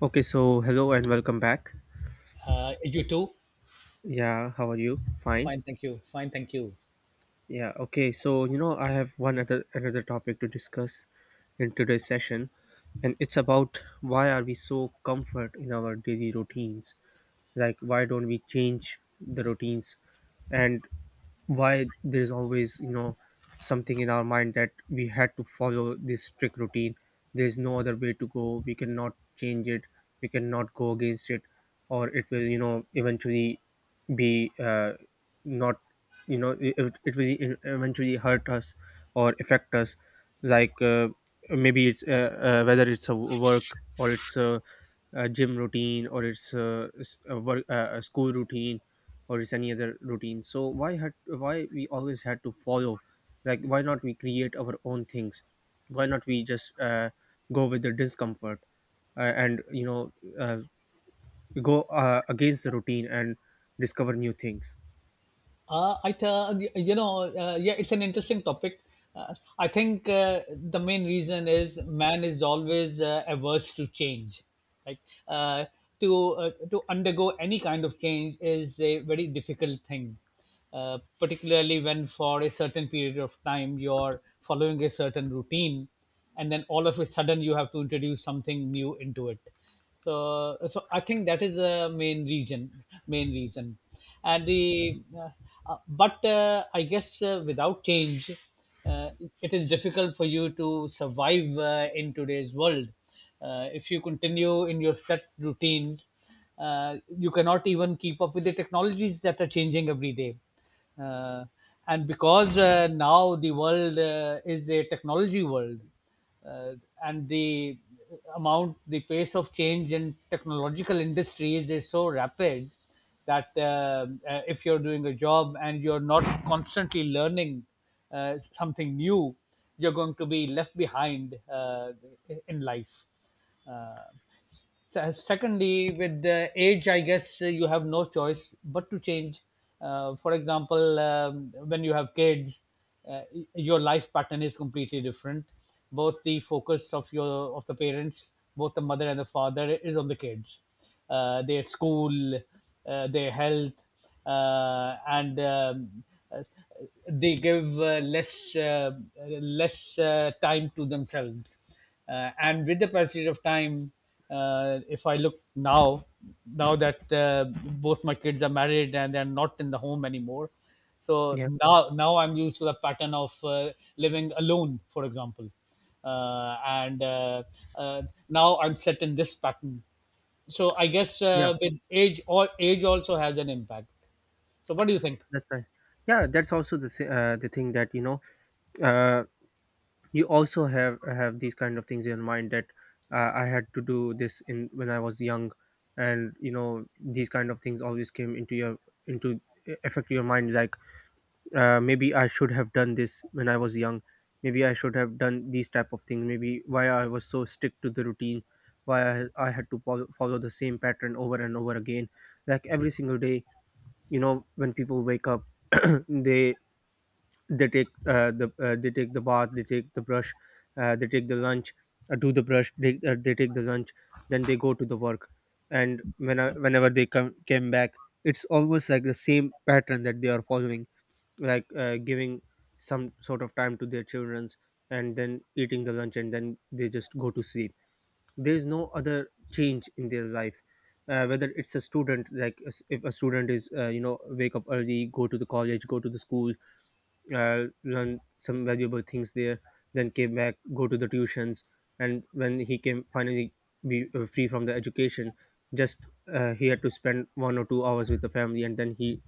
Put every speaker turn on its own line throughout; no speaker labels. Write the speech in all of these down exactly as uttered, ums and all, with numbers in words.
Okay, so hello and welcome back.
Uh, you too?
Yeah, how are you? Fine.
Fine, thank you. Fine, thank you.
Yeah, okay. So, you know, I have one other another topic to discuss in today's session, and it's about why are we so comfort in our daily routines, like why don't we change the routines, and why there's always you know something in our mind that we had to follow this strict routine. There's no other way to go, we cannot change it, we cannot go against it, or it will you know eventually be uh, not, you know it, it will eventually hurt us or affect us, like, uh, maybe it's, uh, uh, whether it's a work or it's a, a gym routine, or it's a, s- a work uh, a school routine, or it's any other routine. So why had, why we always had to follow? Like why not we create our own things? Why not we just uh, go with the discomfort uh, and, you know uh, go uh, against the routine and discover new things.
Uh, I th- you know, uh, yeah, It's an interesting topic. Uh, I think uh, the main reason is man is always uh, averse to change. Like uh, to uh, to undergo any kind of change is a very difficult thing, uh, particularly when for a certain period of time you're following a certain routine, and then all of a sudden you have to introduce something new into it. so so I think that is the main reason, main reason. And the uh, uh, but uh, I guess uh, without change, uh, it is difficult for you to survive uh, in today's world. Uh, if you continue in your set routines, uh, you cannot even keep up with the technologies that are changing every day. Uh, and because uh, now the world uh, is a technology world. Uh, and the amount, the pace of change in technological industries is so rapid that uh, uh, if you're doing a job and you're not constantly learning uh, something new, you're going to be left behind uh, in life. Uh, Se- secondly, with the age, I guess uh, you have no choice but to change. Uh, for example, um, when you have kids, uh, y- your life pattern is completely different. Both the focus of your of the parents, both the mother and the father, is on the kids, uh, their school, uh, their health, uh, and um, uh, they give uh, less uh, less uh, time to themselves. Uh, and with the passage of time, uh, if I look now, now that uh, both my kids are married and they're not in the home anymore. so
Yeah,
now now I'm used to the pattern of uh, living alone, for example. Uh, and uh, uh, now I'm set in this pattern. So I guess
yeah,
uh, with age or age also has an impact. So what do you think?
that's right. Yeah, that's also the thi- uh, the thing that, you know uh, you also have have these kind of things in mind, that uh, I had to do this in when I was young. And, you know, these kind of things always came into your, into, e, affect your mind, like, uh, maybe I should have done this when I was young, maybe I should have done these type of things, maybe why I was so strict to the routine, why i, I had to follow, follow the same pattern over and over again, like every single day. You know, when people wake up they they take uh, the uh, they take the bath, they take the brush, uh, they take the lunch uh, do the brush, they, uh, they take the lunch, then they go to the work. And when I, whenever they come came back, it's almost like the same pattern that they are following, like, uh, giving some sort of time to their children's, and then eating the lunch, and then they just go to sleep. There's no other change in their life. Uh, whether it's a student, like s- if a student is, uh, you know, wake up early, go to the college, go to the school, uh, learn some valuable things there, then came back, go to the tuitions, and when he came finally be uh, free from the education, just, uh, he had to spend one or two hours with the family, and then he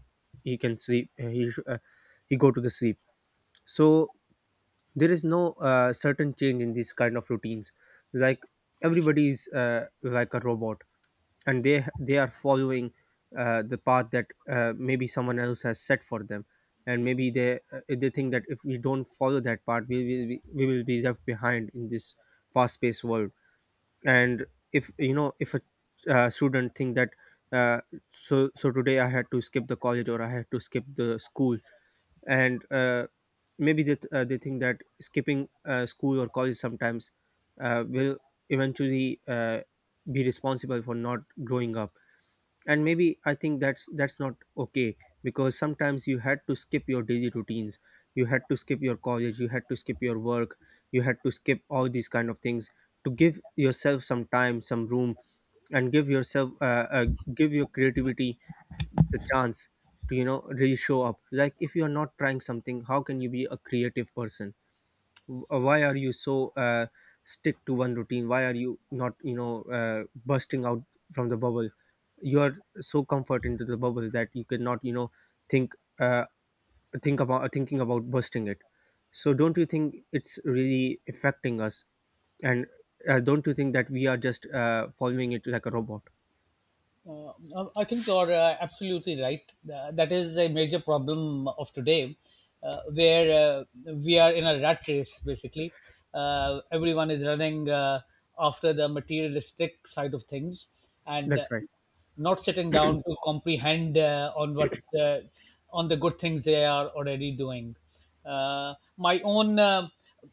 he can sleep, uh, he sh- uh, he go to the sleep. So there is no uh, certain change in these kind of routines, like, everybody is uh, like a robot, and they they are following uh, the path that, uh, maybe someone else has set for them. And maybe they uh, they think that if we don't follow that path, we will be, we will be left behind in this fast paced world. And, if you know, if a, uh, student think that, uh, so so today I had to skip the college, or I had to skip the school. And uh, maybe they, th- uh, they think that skipping uh, school or college sometimes uh, will eventually uh, be responsible for not growing up. And maybe I think that's that's not okay, because sometimes you had to skip your daily routines, you had to skip your college, you had to skip your work, you had to skip all these kind of things, to give yourself some time, some room, and give yourself, uh, uh, give your creativity the chance to, you know, really show up. Like if you are not trying something, how can you be a creative person? W- why are you so uh, stick to one routine? Why are you not, you know uh, bursting out from the bubble? You are so comfort into the bubble that you cannot, you know, think, uh, think about thinking about bursting it. So don't you think it's really affecting us? And uh, don't you think that we are just uh, following it like a robot?
Uh, I think you're uh, absolutely right. Uh, that is a major problem of today, uh, where uh, we are in a rat race, basically. Uh, everyone is running uh, after the materialistic side of things, and uh,
That's right.
not sitting down to comprehend uh, on what uh, on the good things they are already doing. Uh, my own uh,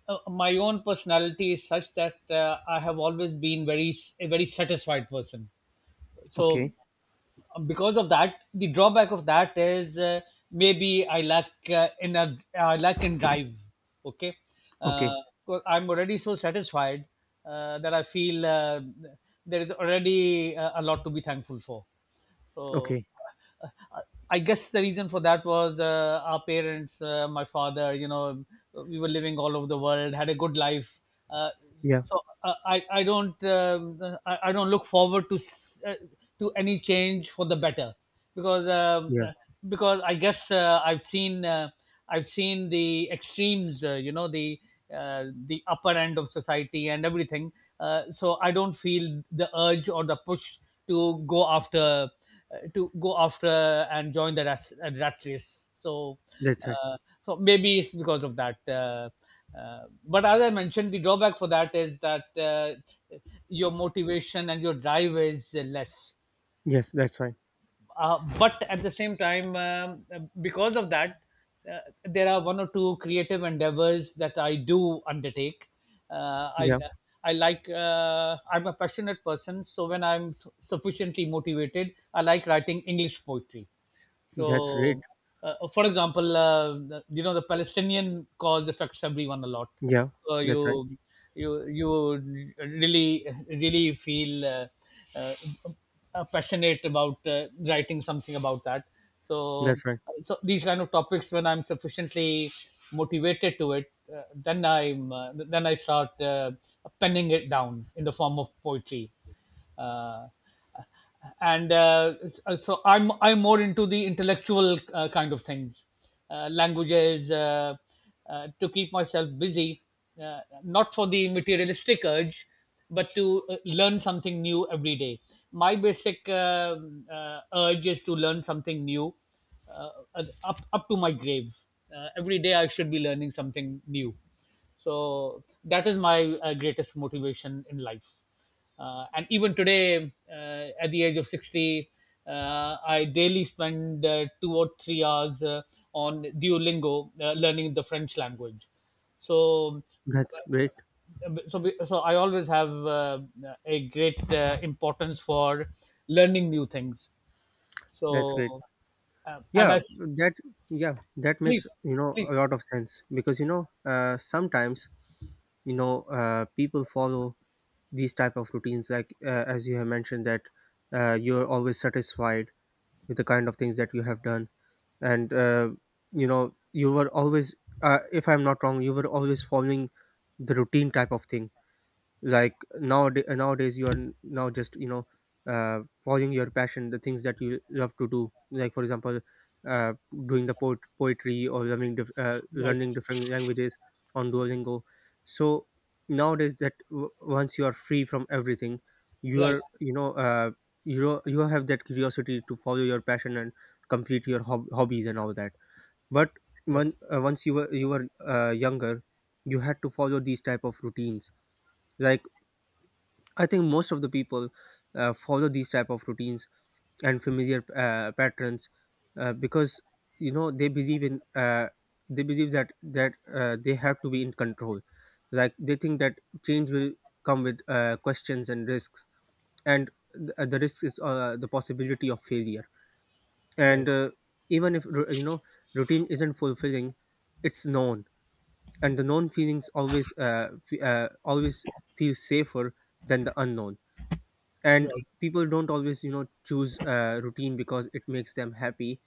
uh, my own personality is such that uh, I have always been very a very satisfied person. So
Okay.
because of that, the drawback of that is, uh, maybe I lack uh, in a I lack in drive. Okay. uh,
Okay.
'Cause I'm already so satisfied uh, that I feel uh, there is already uh, a lot to be thankful for. So
Okay.
uh, uh, I guess the reason for that was uh, our parents, uh, my father, you know, we were living all over the world, had a good life. Uh,
Yeah,
so uh, I, I don't, um I, I don't look forward to s- uh, to any change for the better, because um,
yeah,
because I guess uh, I've seen uh, I've seen the extremes, uh, you know, the uh, the upper end of society and everything. Uh, so I don't feel the urge or the push to go after uh, to go after and join the rat, uh, rat race. So
that's right.
uh, so maybe it's because of that. Uh, uh, but as I mentioned, the drawback for that is that uh, your motivation and your drive is uh, less,
Yes, that's right.
uh, but at the same time, um, uh, because of that, uh, there are one or two creative endeavors that I do undertake. uh, i
Yeah,
i like, uh, I'm a passionate person, so when I'm su- sufficiently motivated, I like writing English poetry.
that's great.
so, uh, uh, for example, uh, the- you know, the Palestinian cause affects everyone a lot.
Yeah,
So
that's right.
you you you really, really feel uh, uh, uh, passionate about uh, writing something about that. So
That's right.
so these kind of topics, when I'm sufficiently motivated to it, uh, then I'm uh, then I start uh, penning it down in the form of poetry. Uh, and uh, so I'm I'm more into the intellectual uh, kind of things, uh, languages, uh, uh, to keep myself busy, uh, not for the materialistic urge, but to uh, learn something new every day. My basic um uh, urge is to learn something new, uh, up up to my grave. Uh, every day I should be learning something new, so that is my uh, greatest motivation in life. Uh, and even today, uh, at the age of sixty, uh, I daily spend uh, two or three hours uh, on Duolingo, uh, learning the French language. So
That's great.
so so I always have uh, a great uh, importance for learning new things. So
That's great.
uh, and
Yeah,
I
that yeah, that makes,
please,
you know, a
please,
lot of sense, because, you know, uh, sometimes, you know uh, people follow these type of routines, like, uh, as you have mentioned that, uh, you're always satisfied with the kind of things that you have done. And, uh, you know, you were always, uh, if I'm not wrong, you were always following the routine type of thing. Like nowadays nowadays you are now just, you know, uh following your passion, the things that you love to do, like for example, uh doing the poet- poetry, or learning dif- uh,
right,
learning different languages on Duolingo. So nowadays that, w- once you are free from everything, you
right,
are you know uh you know, you have that curiosity to follow your passion and complete your hob- hobbies and all that. But
right,
when, uh, once you were you were uh, younger, you had to follow these type of routines, like, I think most of the people uh, follow these type of routines and familiar uh, patterns, uh, because, you know, they believe in uh, they believe that that uh, they have to be in control. Like they think that change will come with uh, questions and risks, and the, the risk is uh, the possibility of failure.
right,
And uh, even if, ru- you know, routine isn't fulfilling, it's known, and the known feelings always, uh, fe- uh, always feel safer than the unknown. And
right.
people don't always, you know, choose uh, routine because it makes them happy,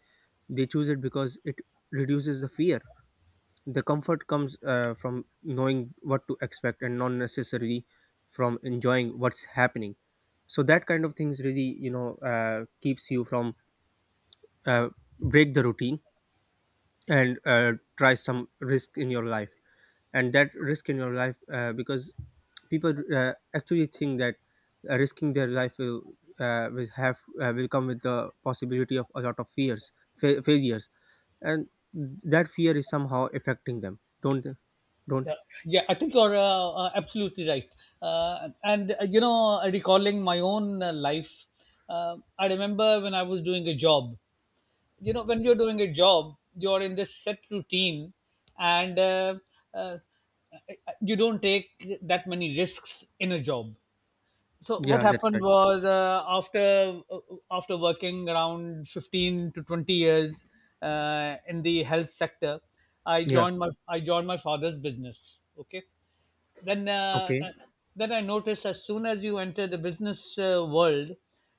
they choose it because it reduces the fear. The comfort comes uh, from knowing what to expect, and not necessarily from enjoying what's happening. So that kind of things really, you know uh, keeps you from uh, break the routine, and uh, try some risk in your life. And that risk in your life, uh, because people uh, actually think that uh, risking their life will, uh, will have uh, will come with the possibility of a lot of fears, fa- failures, and that fear is somehow affecting them, don't they? Don't.
Yeah, yeah, I think you're uh, uh, absolutely right. Uh, and uh, You know, recalling my own uh, life, uh, I remember when I was doing a job. You know, when you're doing a job, you're in this set routine, and uh, uh, you don't take that many risks in a job. So what
Yeah, that's
happened
right.
was, uh, after uh, after working around fifteen to twenty years uh, in the health sector, I
Yeah,
joined my I joined my father's business. Okay, then uh,
okay.
uh, then I noticed, as soon as you enter the business uh, world,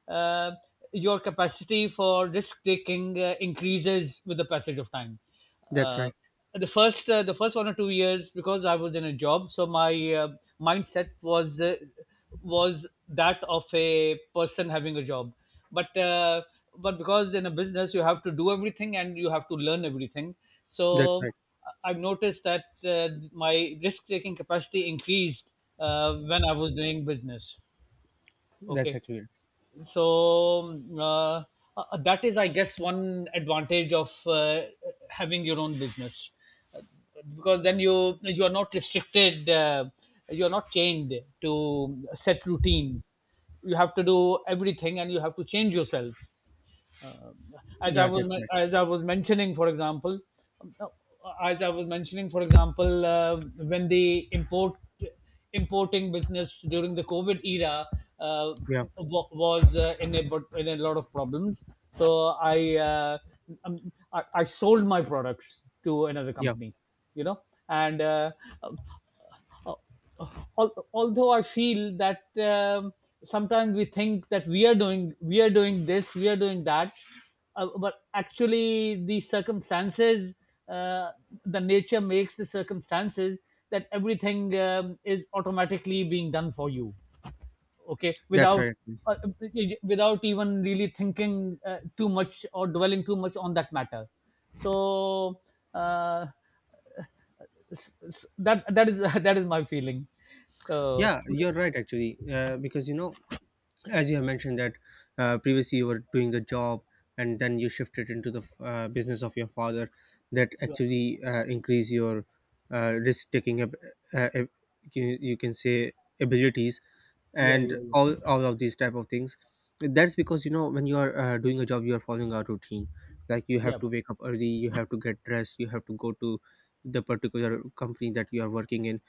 uh, your capacity for risk taking uh, increases with the passage of time.
That's
Uh,
right.
the first uh, the first one or two years, because I was in a job, so my uh, mindset was uh, was that of a person having a job. But uh, but because in a business you have to do everything and you have to learn everything,
That's
so
right.
I've noticed that uh, my risk taking capacity increased uh, when I was doing business.
That's
Okay,
actually right.
so uh, uh, that is, I guess, one advantage of uh, having your own business. Uh, because then you you are not restricted, uh, you are not chained to set routines. You have to do everything, and you have to change yourself, uh, as I
Yeah,
was
that's right.
as I was mentioning, for example, uh, as I was mentioning, for example, uh, when the import importing business during the COVID era uh,
Yeah,
wa- was uh, in a but in a lot of problems. So I, uh, um, I I sold my products to another
yeah,
company, you know, and. Uh, uh, al- although I feel that, um, sometimes we think that we are doing we are doing this, we are doing that, uh, but actually the circumstances, uh, the nature makes the circumstances that everything um, is automatically being done for you. Okay,
that's
without
right actually.
uh, without even really thinking uh, too much or dwelling too much on that matter. So uh, s- that that is that is my feeling. So
Yeah, you're right actually. Uh, because, you know, as you have mentioned that, uh, previously you were doing the job, and then you shifted into the uh, business of your father, that
yeah,
actually uh, increase your uh, risk taking ab- uh, ab- you you can say abilities,
yeah,
and
yeah,
all all of these type of things. That's because, you know, when you are uh, doing a job, you are following a routine. Like you have
yeah,
to wake up early, you have to get dressed, you have to go to the particular company that you are working in.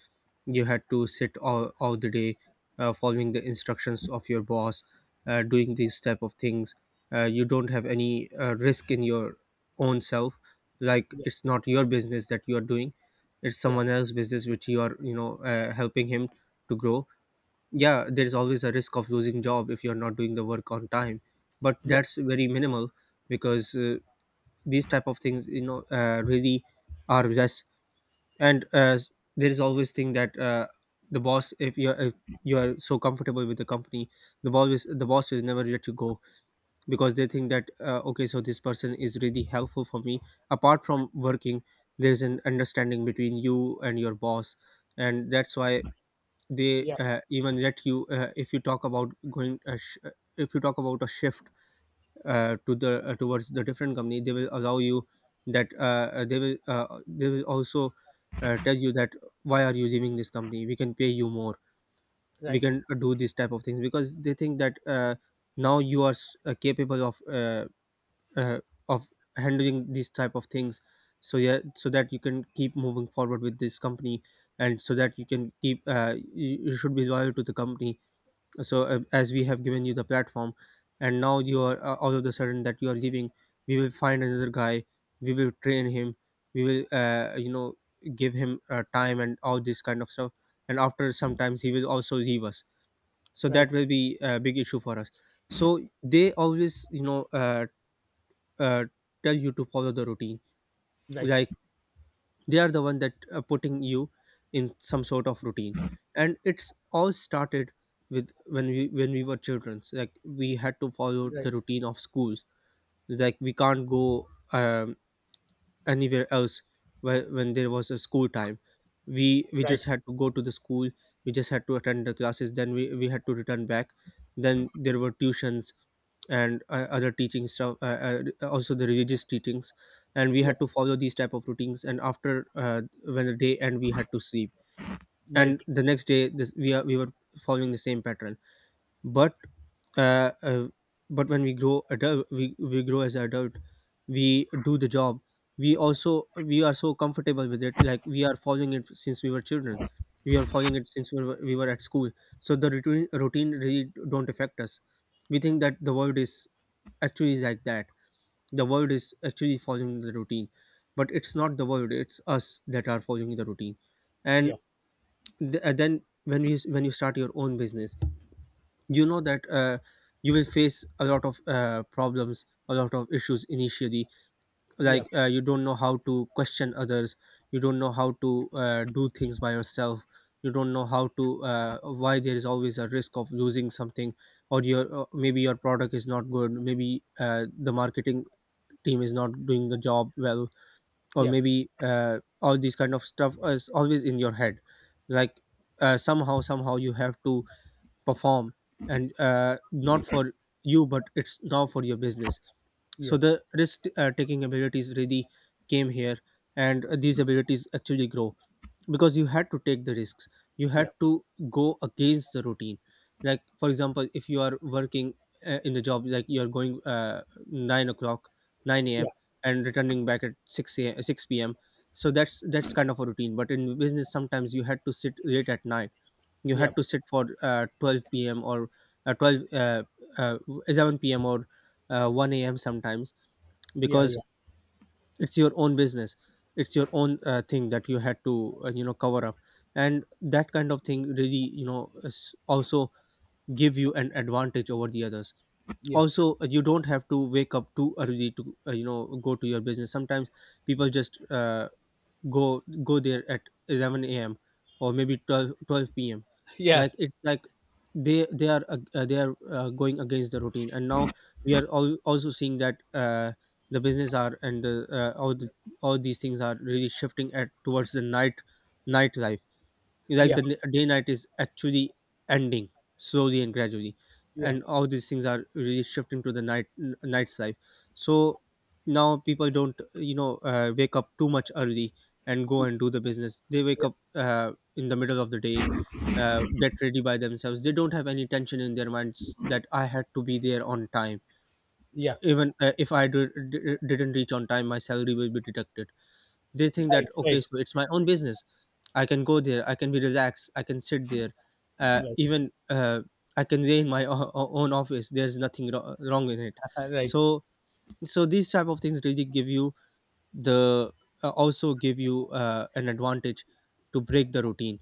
You had to sit all, all the day, uh, following the instructions of your boss, uh, doing these type of things. Uh, you don't have any uh, risk in your own self. Like it's not your business that you are doing, it's
yeah,
someone else's business which you are, you know uh, helping him to grow. Yeah, there's always a risk of losing job if you're not doing the work on time, but
yeah,
that's
yeah,
very minimal, because uh, these type of things, you know uh, really are less. And uh, there is always thing that, uh, the boss if you're if you are so comfortable with the company, the boss is, the boss will never let you go, because they think that, uh, okay, so this person is really helpful for me apart from working. There's an understanding between you and your boss, and that's why they
yeah,
uh, even let you, uh, if you talk about going a sh- if you talk about a shift uh, to the uh, towards the different company, they will allow you, that, uh, uh, they will uh, they will also uh, tell you that, why are you leaving this company, we can pay you more, we
right,
can uh, do this type of things, because they think that, uh, now you are, s- uh, capable of, uh, uh, of handling these type of things. So yeah, so that you can keep moving forward with this company, and so that you can keep, uh, you, you should be loyal to the company. So, uh, as we have given you the platform, and now you are, uh, all of the sudden that you are leaving, we will find another guy, we will train him, we will uh, you know, give him uh, time and all this kind of stuff, and after sometimes he will also leave us, so
right,
that will be a big issue for us. So they always, you know uh, uh, tell you to follow the routine.
right,
Like, they are the one that are putting you in some sort of routine, and it's all started with when we when we were children. So, like we had to follow
right,
the routine of schools. Like we can't go um, anywhere else whe- when there was a school time. We we
right,
just had to go to the school. We just had to attend the classes. Then we, we had to return back. Then there were tuitions and uh, other teaching stuff, uh, uh, also the religious teachings. And we
yeah,
had to follow these type of routines, and after uh, when the day end we had to sleep.
right,
And the next day this we are we were following the same pattern. But uh, uh, but when we grow adult, we, we grow as adult. We do the job. We also we are so comfortable with it, like we are following it since we were children. We are following it since we were, we were at school. So the routine, routine really don't affect us. We think that the world is actually like that. The world is actually following the routine, but it's not the world, it's us that are following the routine. and
yeah,
th- and then when you when you start your own business, you know that uh, you will face a lot of uh, problems, a lot of issues initially.
yeah,
Like, uh, you don't know how to question others. You don't know how to uh, do things by yourself. You don't know how to, uh, why there is always a risk of losing something. Or your, uh, maybe your product is not good, maybe uh, the marketing team is not doing the job well. Or
yeah,
maybe uh, all these kind of stuff is always in your head. Like, uh, somehow, somehow you have to perform. And uh, not for you, but it's now for your business.
yeah,
So the risk uh, taking abilities really came here. And uh, these abilities actually grow because you had to take the risks. You
yeah,
had to go against the routine. Like for example, if you are working uh, in the job, like you are going, uh, 9 o'clock, nine a m a.m, and returning back at six a m a m six p m p.m. So that's that's kind of a routine. But in business sometimes you had to sit late at night. You
yeah,
had to sit for uh, twelve p m p.m or uh, 12 uh, uh, eleven p m p.m or uh, one a m a.m sometimes.
yeah, yeah,
Because
yeah,
it's your own business. It's your own uh, thing that you had to, uh, you know, cover up. And that kind of thing really, you know, s- also give you an advantage over the others.
yeah,
Also uh, you don't have to wake up too early to, uh, you know, go to your business. Sometimes people just uh, go go there at eleven a m a.m, or maybe twelve twelve p.m.
yeah,
Like it's like they they are uh, uh, they are uh, going against the routine. And now we are all also seeing that uh, the business are, and the uh, all the all these things are really shifting at towards the night, nightlife. Like
yeah,
the n- day night is actually ending, slowly and gradually.
yeah,
And all these things are really shifting to the night, n- night's life. So now people don't, you know, uh, wake up too much early and go and do the business. They wake
yeah,
up uh, in the middle of the day, uh, get ready by themselves. They don't have any tension in their minds that I had to be there on time.
yeah,
Even uh, if I d- d- didn't reach on time, my salary will be deducted. They think
right,
that, okay,
right,
so it's my own business. I can go there, I can be relaxed, I can sit there, uh,
right,
even uh, I can stay in my o- o- own office. There's nothing wro- wrong in it.
right,
So so these type of things really give you the, uh, also give you uh, an advantage to break the routine.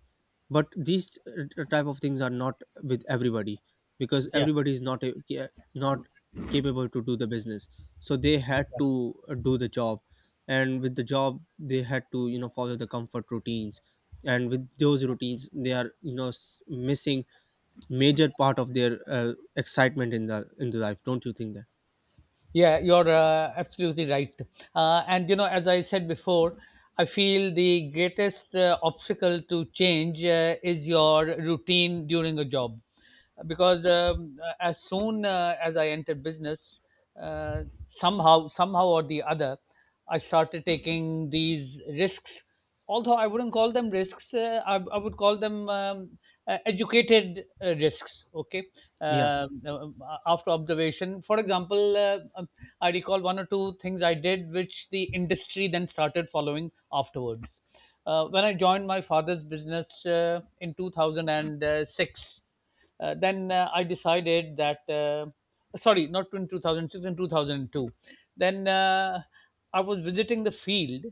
But these uh, type of things are not with everybody, because
yeah.
everybody is not a, ca- not capable to do the business. So they had to uh, do the job. And with the job they had to, you know, follow the comfort routines. And with those routines they are, you know, s- missing major part of their uh, excitement in the in the life. Don't you think that?
Yeah, you're uh, absolutely right. Uh, and you know, as I said before, I feel the greatest uh, obstacle to change uh, is your routine during a job, because um, as soon uh, as I entered business, uh, somehow, somehow or the other, I started taking these risks. Although I wouldn't call them risks, uh, I, I would call them um, uh, educated uh, risks. Okay.
Yeah,
Um, uh, uh, After observation, for example, uh, um, I recall one or two things I did which the industry then started following afterwards. Uh, when I joined my father's business uh, in two thousand six, uh, then uh, I decided that, uh, sorry, not in two thousand six, in two thousand two. Then uh, I was visiting the field,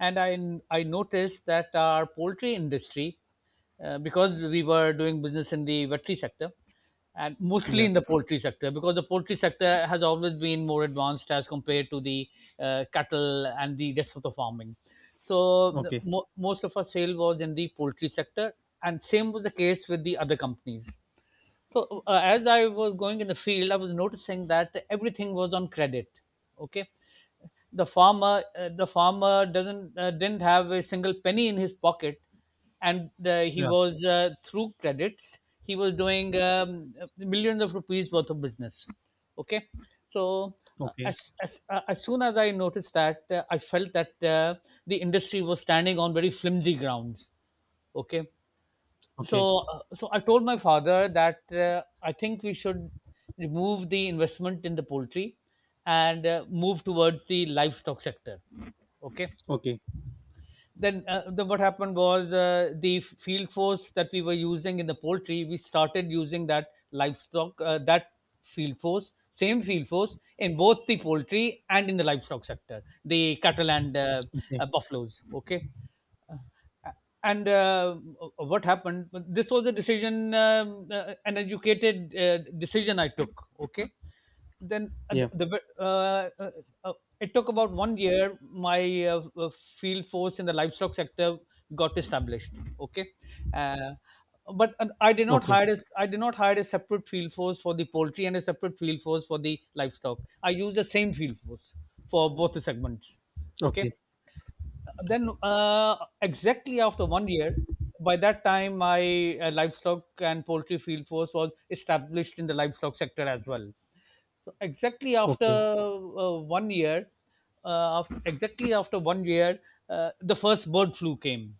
and I, I noticed that our poultry industry, uh, because we were doing business in the veterinary sector, and mostly
yeah.
in the poultry sector, because the poultry sector has always been more advanced as compared to the uh, cattle and the rest of the farming. So the
Okay.
mo- most of our sale was in the poultry sector, and same was the case with the other companies. So uh, as I was going in the field, I was noticing that everything was on credit. Okay, the farmer, uh, the farmer doesn't uh, didn't have a single penny in his pocket, and uh, he
Yeah.
was uh, through credits he was doing, um, millions of rupees worth of business. Okay, so uh,
Okay.
as as uh, as soon as I noticed that, uh, I felt that uh, the industry was standing on very flimsy grounds. Okay,
Okay.
so uh, so I told my father that uh, I think we should remove the investment in the poultry and uh, move towards the livestock sector. Okay.
Okay.
Then uh, the, what happened was uh, the field force that we were using in the poultry, we started using that livestock, uh, that field force, same field force in both the poultry and in the livestock sector, the cattle and uh, uh,
Okay.
buffaloes. Okay. Uh, and uh, What happened? This was a decision, um, uh, an educated uh, decision I took. Okay. then at
Yeah.
the, the uh, uh, uh, it took about one year my uh, uh, field force in the livestock sector got established. Okay. Uh, but uh, I did not
Okay.
hire a, I did not hire a separate field force for the poultry and a separate field force for the livestock. I used the same field force for both the segments. Okay.
Okay.
then uh, Exactly after one year, by that time my uh, livestock and poultry field force was established in the livestock sector as well. So exactly after
Okay.
uh, one year, uh, af- exactly after one year, uh, the first bird flu came.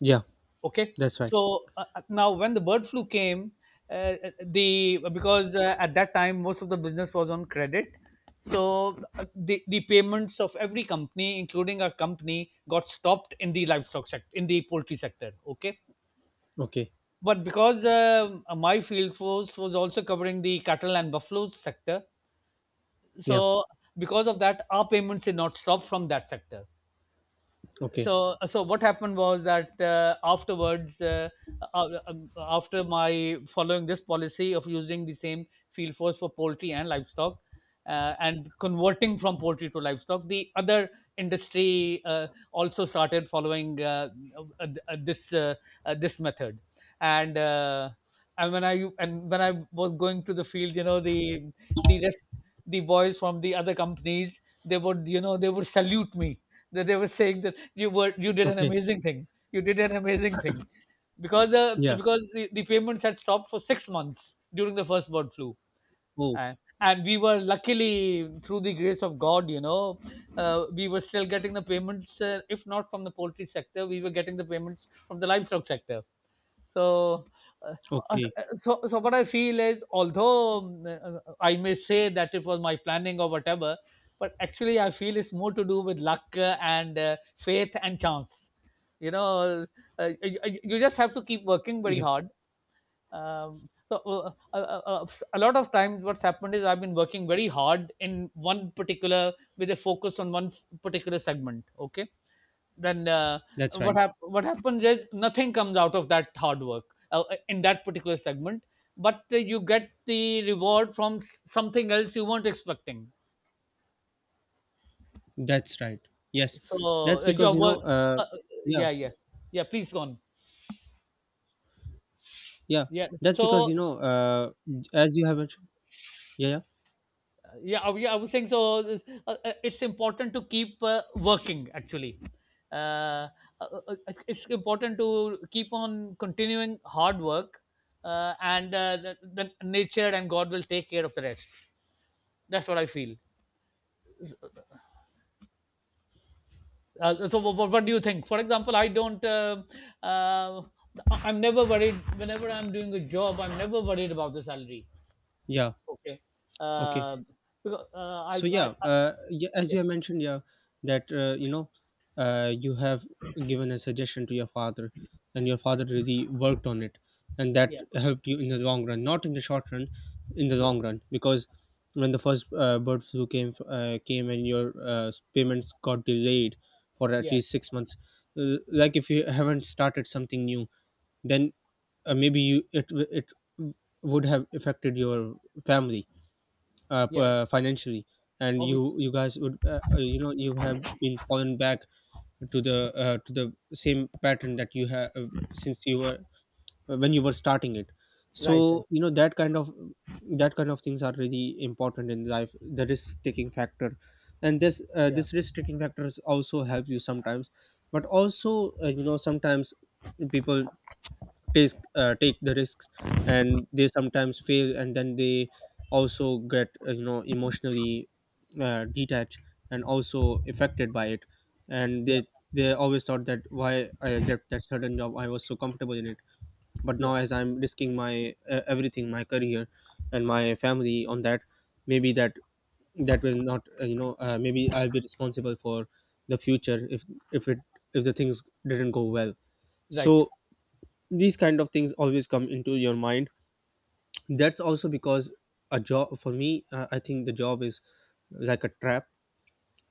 Yeah.
Okay,
That's right.
so uh, uh, now when the bird flu came, uh, the because uh, at that time most of the business was on credit, so uh, the the payments of every company, including our company, got stopped in the livestock sector, in the poultry sector. Okay,
Okay.
but because um, uh, my field force was also covering the cattle and buffalo sector.
Yeah.
So because of that, our payments did not stop from that sector.
Okay.
So so what happened was that uh, afterwards, uh, uh, um, after my following this policy of using the same field force for poultry and livestock, uh, and converting from poultry to livestock, the other industry uh, also started following uh, uh, uh, this uh, uh, this method. And. Uh, and when I and when I was going to the field, you know the the rest the boys from the other companies, they would, you know they would salute me. That They were saying that you were you did an
Okay.
amazing thing, you did an amazing thing, because the
Yeah.
because the, the payments had stopped for six months during the first bird flu.
Oh,
And, and we were luckily, through the grace of god, you know uh, we were still getting the payments. Uh, if not from the poultry sector, we were getting the payments from the livestock sector. so, uh, uh, uh,
okay.
so, so what I feel is, although um, uh, I may say that it was my planning or whatever, but actually I feel it's more to do with luck uh, and uh, faith and chance. You know, uh, you, you you just have to keep working very
Yeah.
hard. um, so uh, uh, uh, uh, a lot of times what's happened is I've been working very hard in one particular, with a focus on one particular segment. Okay. then uh,
That's
what
right.
hap- what happens is nothing comes out of that hard work uh, in that particular segment, but uh, you get the reward from s- something else you weren't expecting.
That's right. Yes.
So
That's
uh,
because,
your
you know,
work,
uh,
uh, uh,
yeah.
yeah, yeah, yeah, please go on.
Yeah.
Yeah,
That's because,
so
you know, uh, as you have mentioned, yeah. Yeah.
yeah, I, yeah, I was saying, so uh, uh, it's important to keep uh, working, actually. uh, uh, uh, uh, it's important to keep on continuing hard work, uh, and uh, the, the nature and god will take care of the rest. That's what I feel. Uh, so what, what do you think, for example? I don't, uh, uh, I'm never worried. Whenever I'm doing a job, I'm never worried about the salary.
Yeah.
Okay.
Okay.
uh, because uh,
So
I, I,
yeah,
I
uh, yeah, as
yeah,
you have mentioned, yeah, that uh, you know, uh, you have given a suggestion to your father, and your father really worked on it, and that
yeah,
helped you in the long run, not in the short run, in the
yeah,
long run, because when the first uh, bird flu came uh, came and your uh, payments got delayed for at
yeah,
least six months, uh, like if you haven't started something new, then uh, maybe you it w- it w- would have affected your family uh, p-
yeah.
uh, financially. And you
Obviously.
you guys would uh, uh, you know, you have been fallen back to the, uh, to the same pattern that you have uh, since you were, uh, when you were starting it.
Right, right.
So you know that kind of that kind of things are really important in life, the risk taking factor. And this uh,
Yeah,
this risk taking factors also help you sometimes. But also uh, you know, sometimes people take uh, take the risks, and they sometimes fail. And then they also get, uh, you know, emotionally uh, detached, and also affected by it. And
yeah,
they they always thought that, why I accept that certain job? I was so comfortable in it. But
yeah.
now as I'm risking my uh, everything, my career and my family on that, maybe that that will not, uh, you know, uh, maybe I'll be responsible for the future if if it if the things didn't go well.
Right.
So these kind of things always come into your mind. That's also because a job for me, uh, I think the job is like a trap.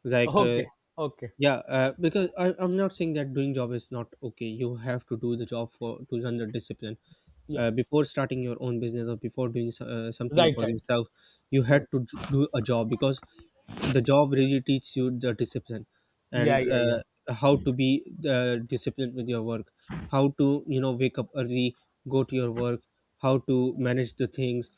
Like, uh,
Okay, okay.
yeah, uh, because I, I'm not saying that doing job is not okay. You have to do the job for to learn the discipline
Yeah.
uh, before starting your own business, or before doing so- uh, something
Right,
for
right,
yourself. You had
right.
to j- do a job, because the job really teaches you the discipline.
Yeah,
And
yeah,
uh,
yeah.
how to be uh, disciplined with your work, how to, you know, wake up early, go to your work, how to manage the things,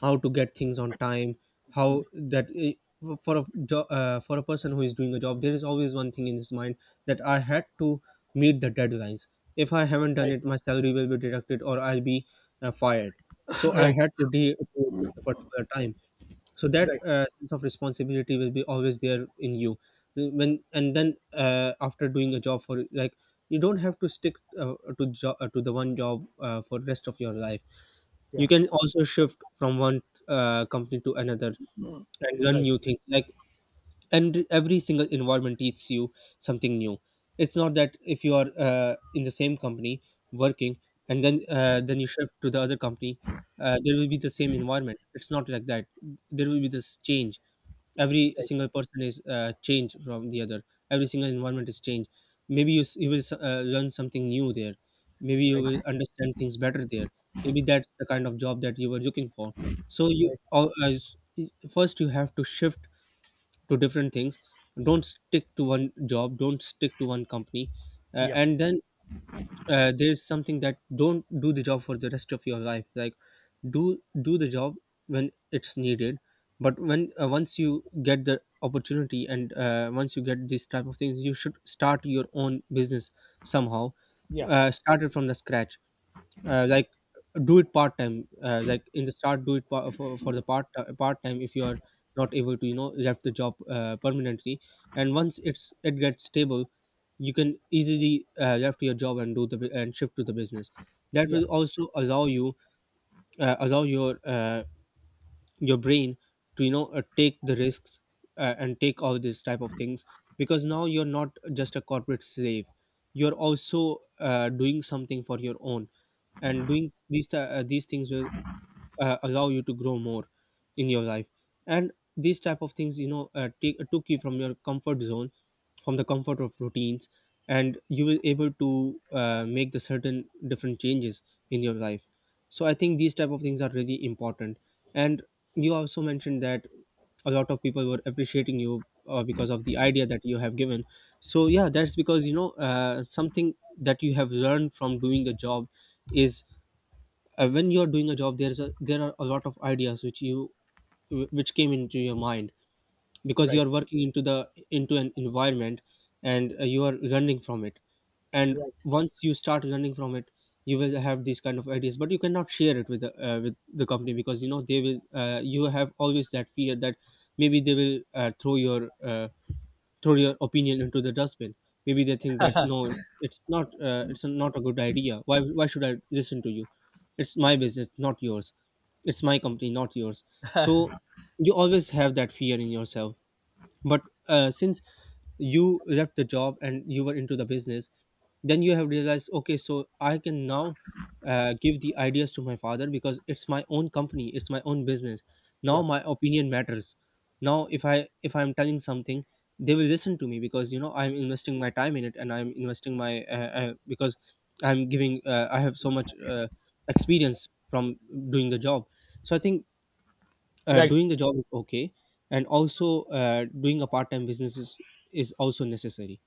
how to get things on time, how that i- for a jo- uh, for a person who is doing a job, there is always one thing in his mind, that I had to meet the deadlines. If I haven't done
Right,
it, my salary will be deducted, or I'll be uh, fired. So I
right,
had to do it at a particular time. So that
right.
uh, sense of responsibility will be always there in you. When and then uh, after doing a job for like, you don't have to stick uh, to jo- uh, to the one job uh, for rest of your life. You
Yeah,
can also shift from one uh, company to another and learn
right,
new things. Like, and every single environment teaches you something new. It's not that if you are uh, in the same company working, and then uh, then you shift to the other company, uh, there will be the same environment. It's not like that. There will be this change. Every
right,
single person is uh, changed from the other. Every single environment is changed. Maybe you, s- you will s- uh, learn something new there. Maybe you will
right,
understand things better there. Maybe that's the kind of job that you were looking for. So you
right.
al- as- first you have to shift to different things. Don't stick to one job, don't stick to one company. Uh,
Yeah,
and then, uh, there's something that, don't do the job for the rest of your life. Like, do do the job when it's needed. But when, uh, once you get the opportunity and uh, once you get these type of things, you should start your own business. Somehow
yeah,
uh, started from the scratch. Uh, like, do it part time, uh, like in the start, do it pa- for, for the part part time if you are not able to, you know, left the job uh, permanently. And once it's it gets stable, you can easily uh, left your job and do the bu- and shift to the business. That
yeah.
will also allow you uh, allow your uh, your brain to, you know, uh, Take the risks, uh, and take all these type of things because now you're not just a corporate slave, you're also uh, doing something for your own. And doing these th- uh, these things will uh, allow you to grow more in your life. And these type of things, you know uh, take, took you from your comfort zone, from the comfort of routines, and you will able to uh, make the certain different changes in your life. So I think these type of things are really important. And you also mentioned that a lot of people were appreciating you uh, because of the idea that you have given. So yeah, that's because you know uh, something that you have learned from doing the job is uh, when you're doing a job there's a there are a lot of ideas which you, which came into your mind because you
Right,
are working into the into an environment. And uh, you are learning from it. And
right,
once you start learning from it, you will have these kind of ideas, but you cannot share it with the, uh, with the company because you know they will, uh, you have always that fear that maybe they will uh, throw your, uh, throw your opinion into the dustbin. Maybe they think that no, it's, it's not, uh, it's not a good idea. Why why should I listen to you? It's my business, not yours. It's my company, not yours. So you always have that fear in yourself, but uh, since you left the job and you were into the business, then you have realized okay, so I can now uh, give the ideas to my father because it's my own company, it's my own business, now
yeah.
my opinion matters. Now if i if I'm telling something, they will listen to me because you know I'm investing my time in it, and I'm investing my, uh, uh, because I'm giving, uh, I have so much uh, experience from doing the job. So I think uh,
Right.
doing the job is okay, and also uh, doing a part-time business is, is also necessary.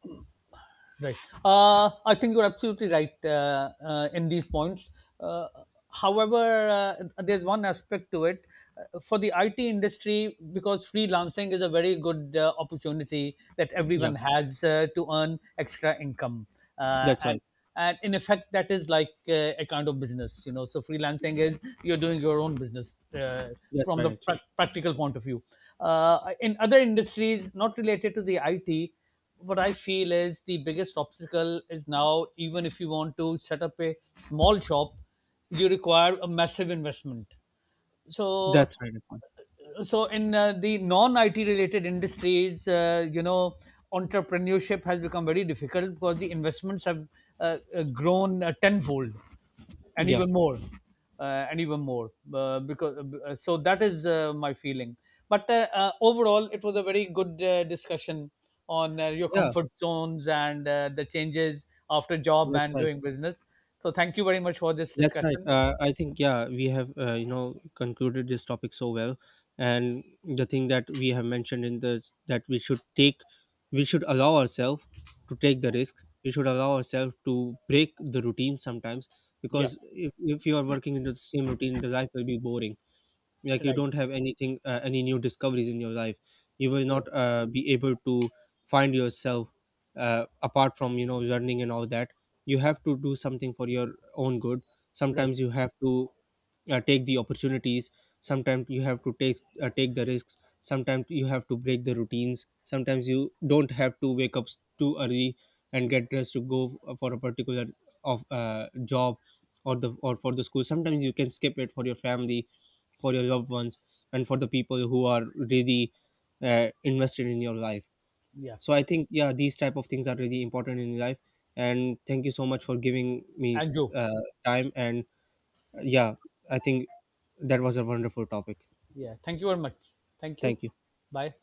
Right. Uh, I think you're absolutely right uh, uh, in these points. Uh, however, uh, there's one aspect to it. Uh, For the I T industry, because freelancing is a very good uh, opportunity that
Yeah,
everyone has uh, to earn extra income, uh,
that's
and
right.
and in effect, that is like uh, a kind of business, you know. So freelancing is you're doing your own business uh,
That's
from
right
the
actually.
prac practical point of view. Uh, in other industries not related to the I T, what I feel is the biggest obstacle is, now, even if you want to set up a small shop, you require a massive investment. so
That's right actually.
so in uh, the non I T related industries, uh, you know, entrepreneurship has become very difficult because the investments have uh, uh, grown uh, tenfold and
Yeah,
even more, uh, and even more. Uh, because uh, So that is uh, my feeling. But uh, uh, overall, it was a very good uh, discussion on uh, your
yeah.
comfort zones and uh, the changes after job
That's
and
right.
doing business. So thank you very much for this
That's right,
discussion.
uh, I think yeah, we have, uh, you know concluded this topic so well. And the thing that we have mentioned in the that we should take, we should allow ourselves to take the risk, we should allow ourselves to break the routine sometimes,
Yeah. Yeah.
because if, if you are working into the same routine, the life will be boring. Like you
Right.
don't have anything, uh, any new discoveries in your life. You will
Yeah.
not uh, be able to find yourself. Uh, apart from you know learning and all that, you have to do something for your own good.
Right.
Sometimes you have to uh, take the opportunities, sometimes you have to take uh, take the risks, sometimes you have to break the routines, sometimes you don't have to wake up s- too early and get dressed to go f- for a particular of uh, job, or the or for the school. Sometimes you can skip it for your family, for your loved ones, and for the people who are really uh, invested in your life.
Yeah.
So I think yeah, these type of things are really important in life. And thank you so much for giving me s-
Andrew.
uh, time and, uh, yeah, I think that was a wonderful topic.
Yeah. Thank you very much. Thank you.
Thank you.
Bye.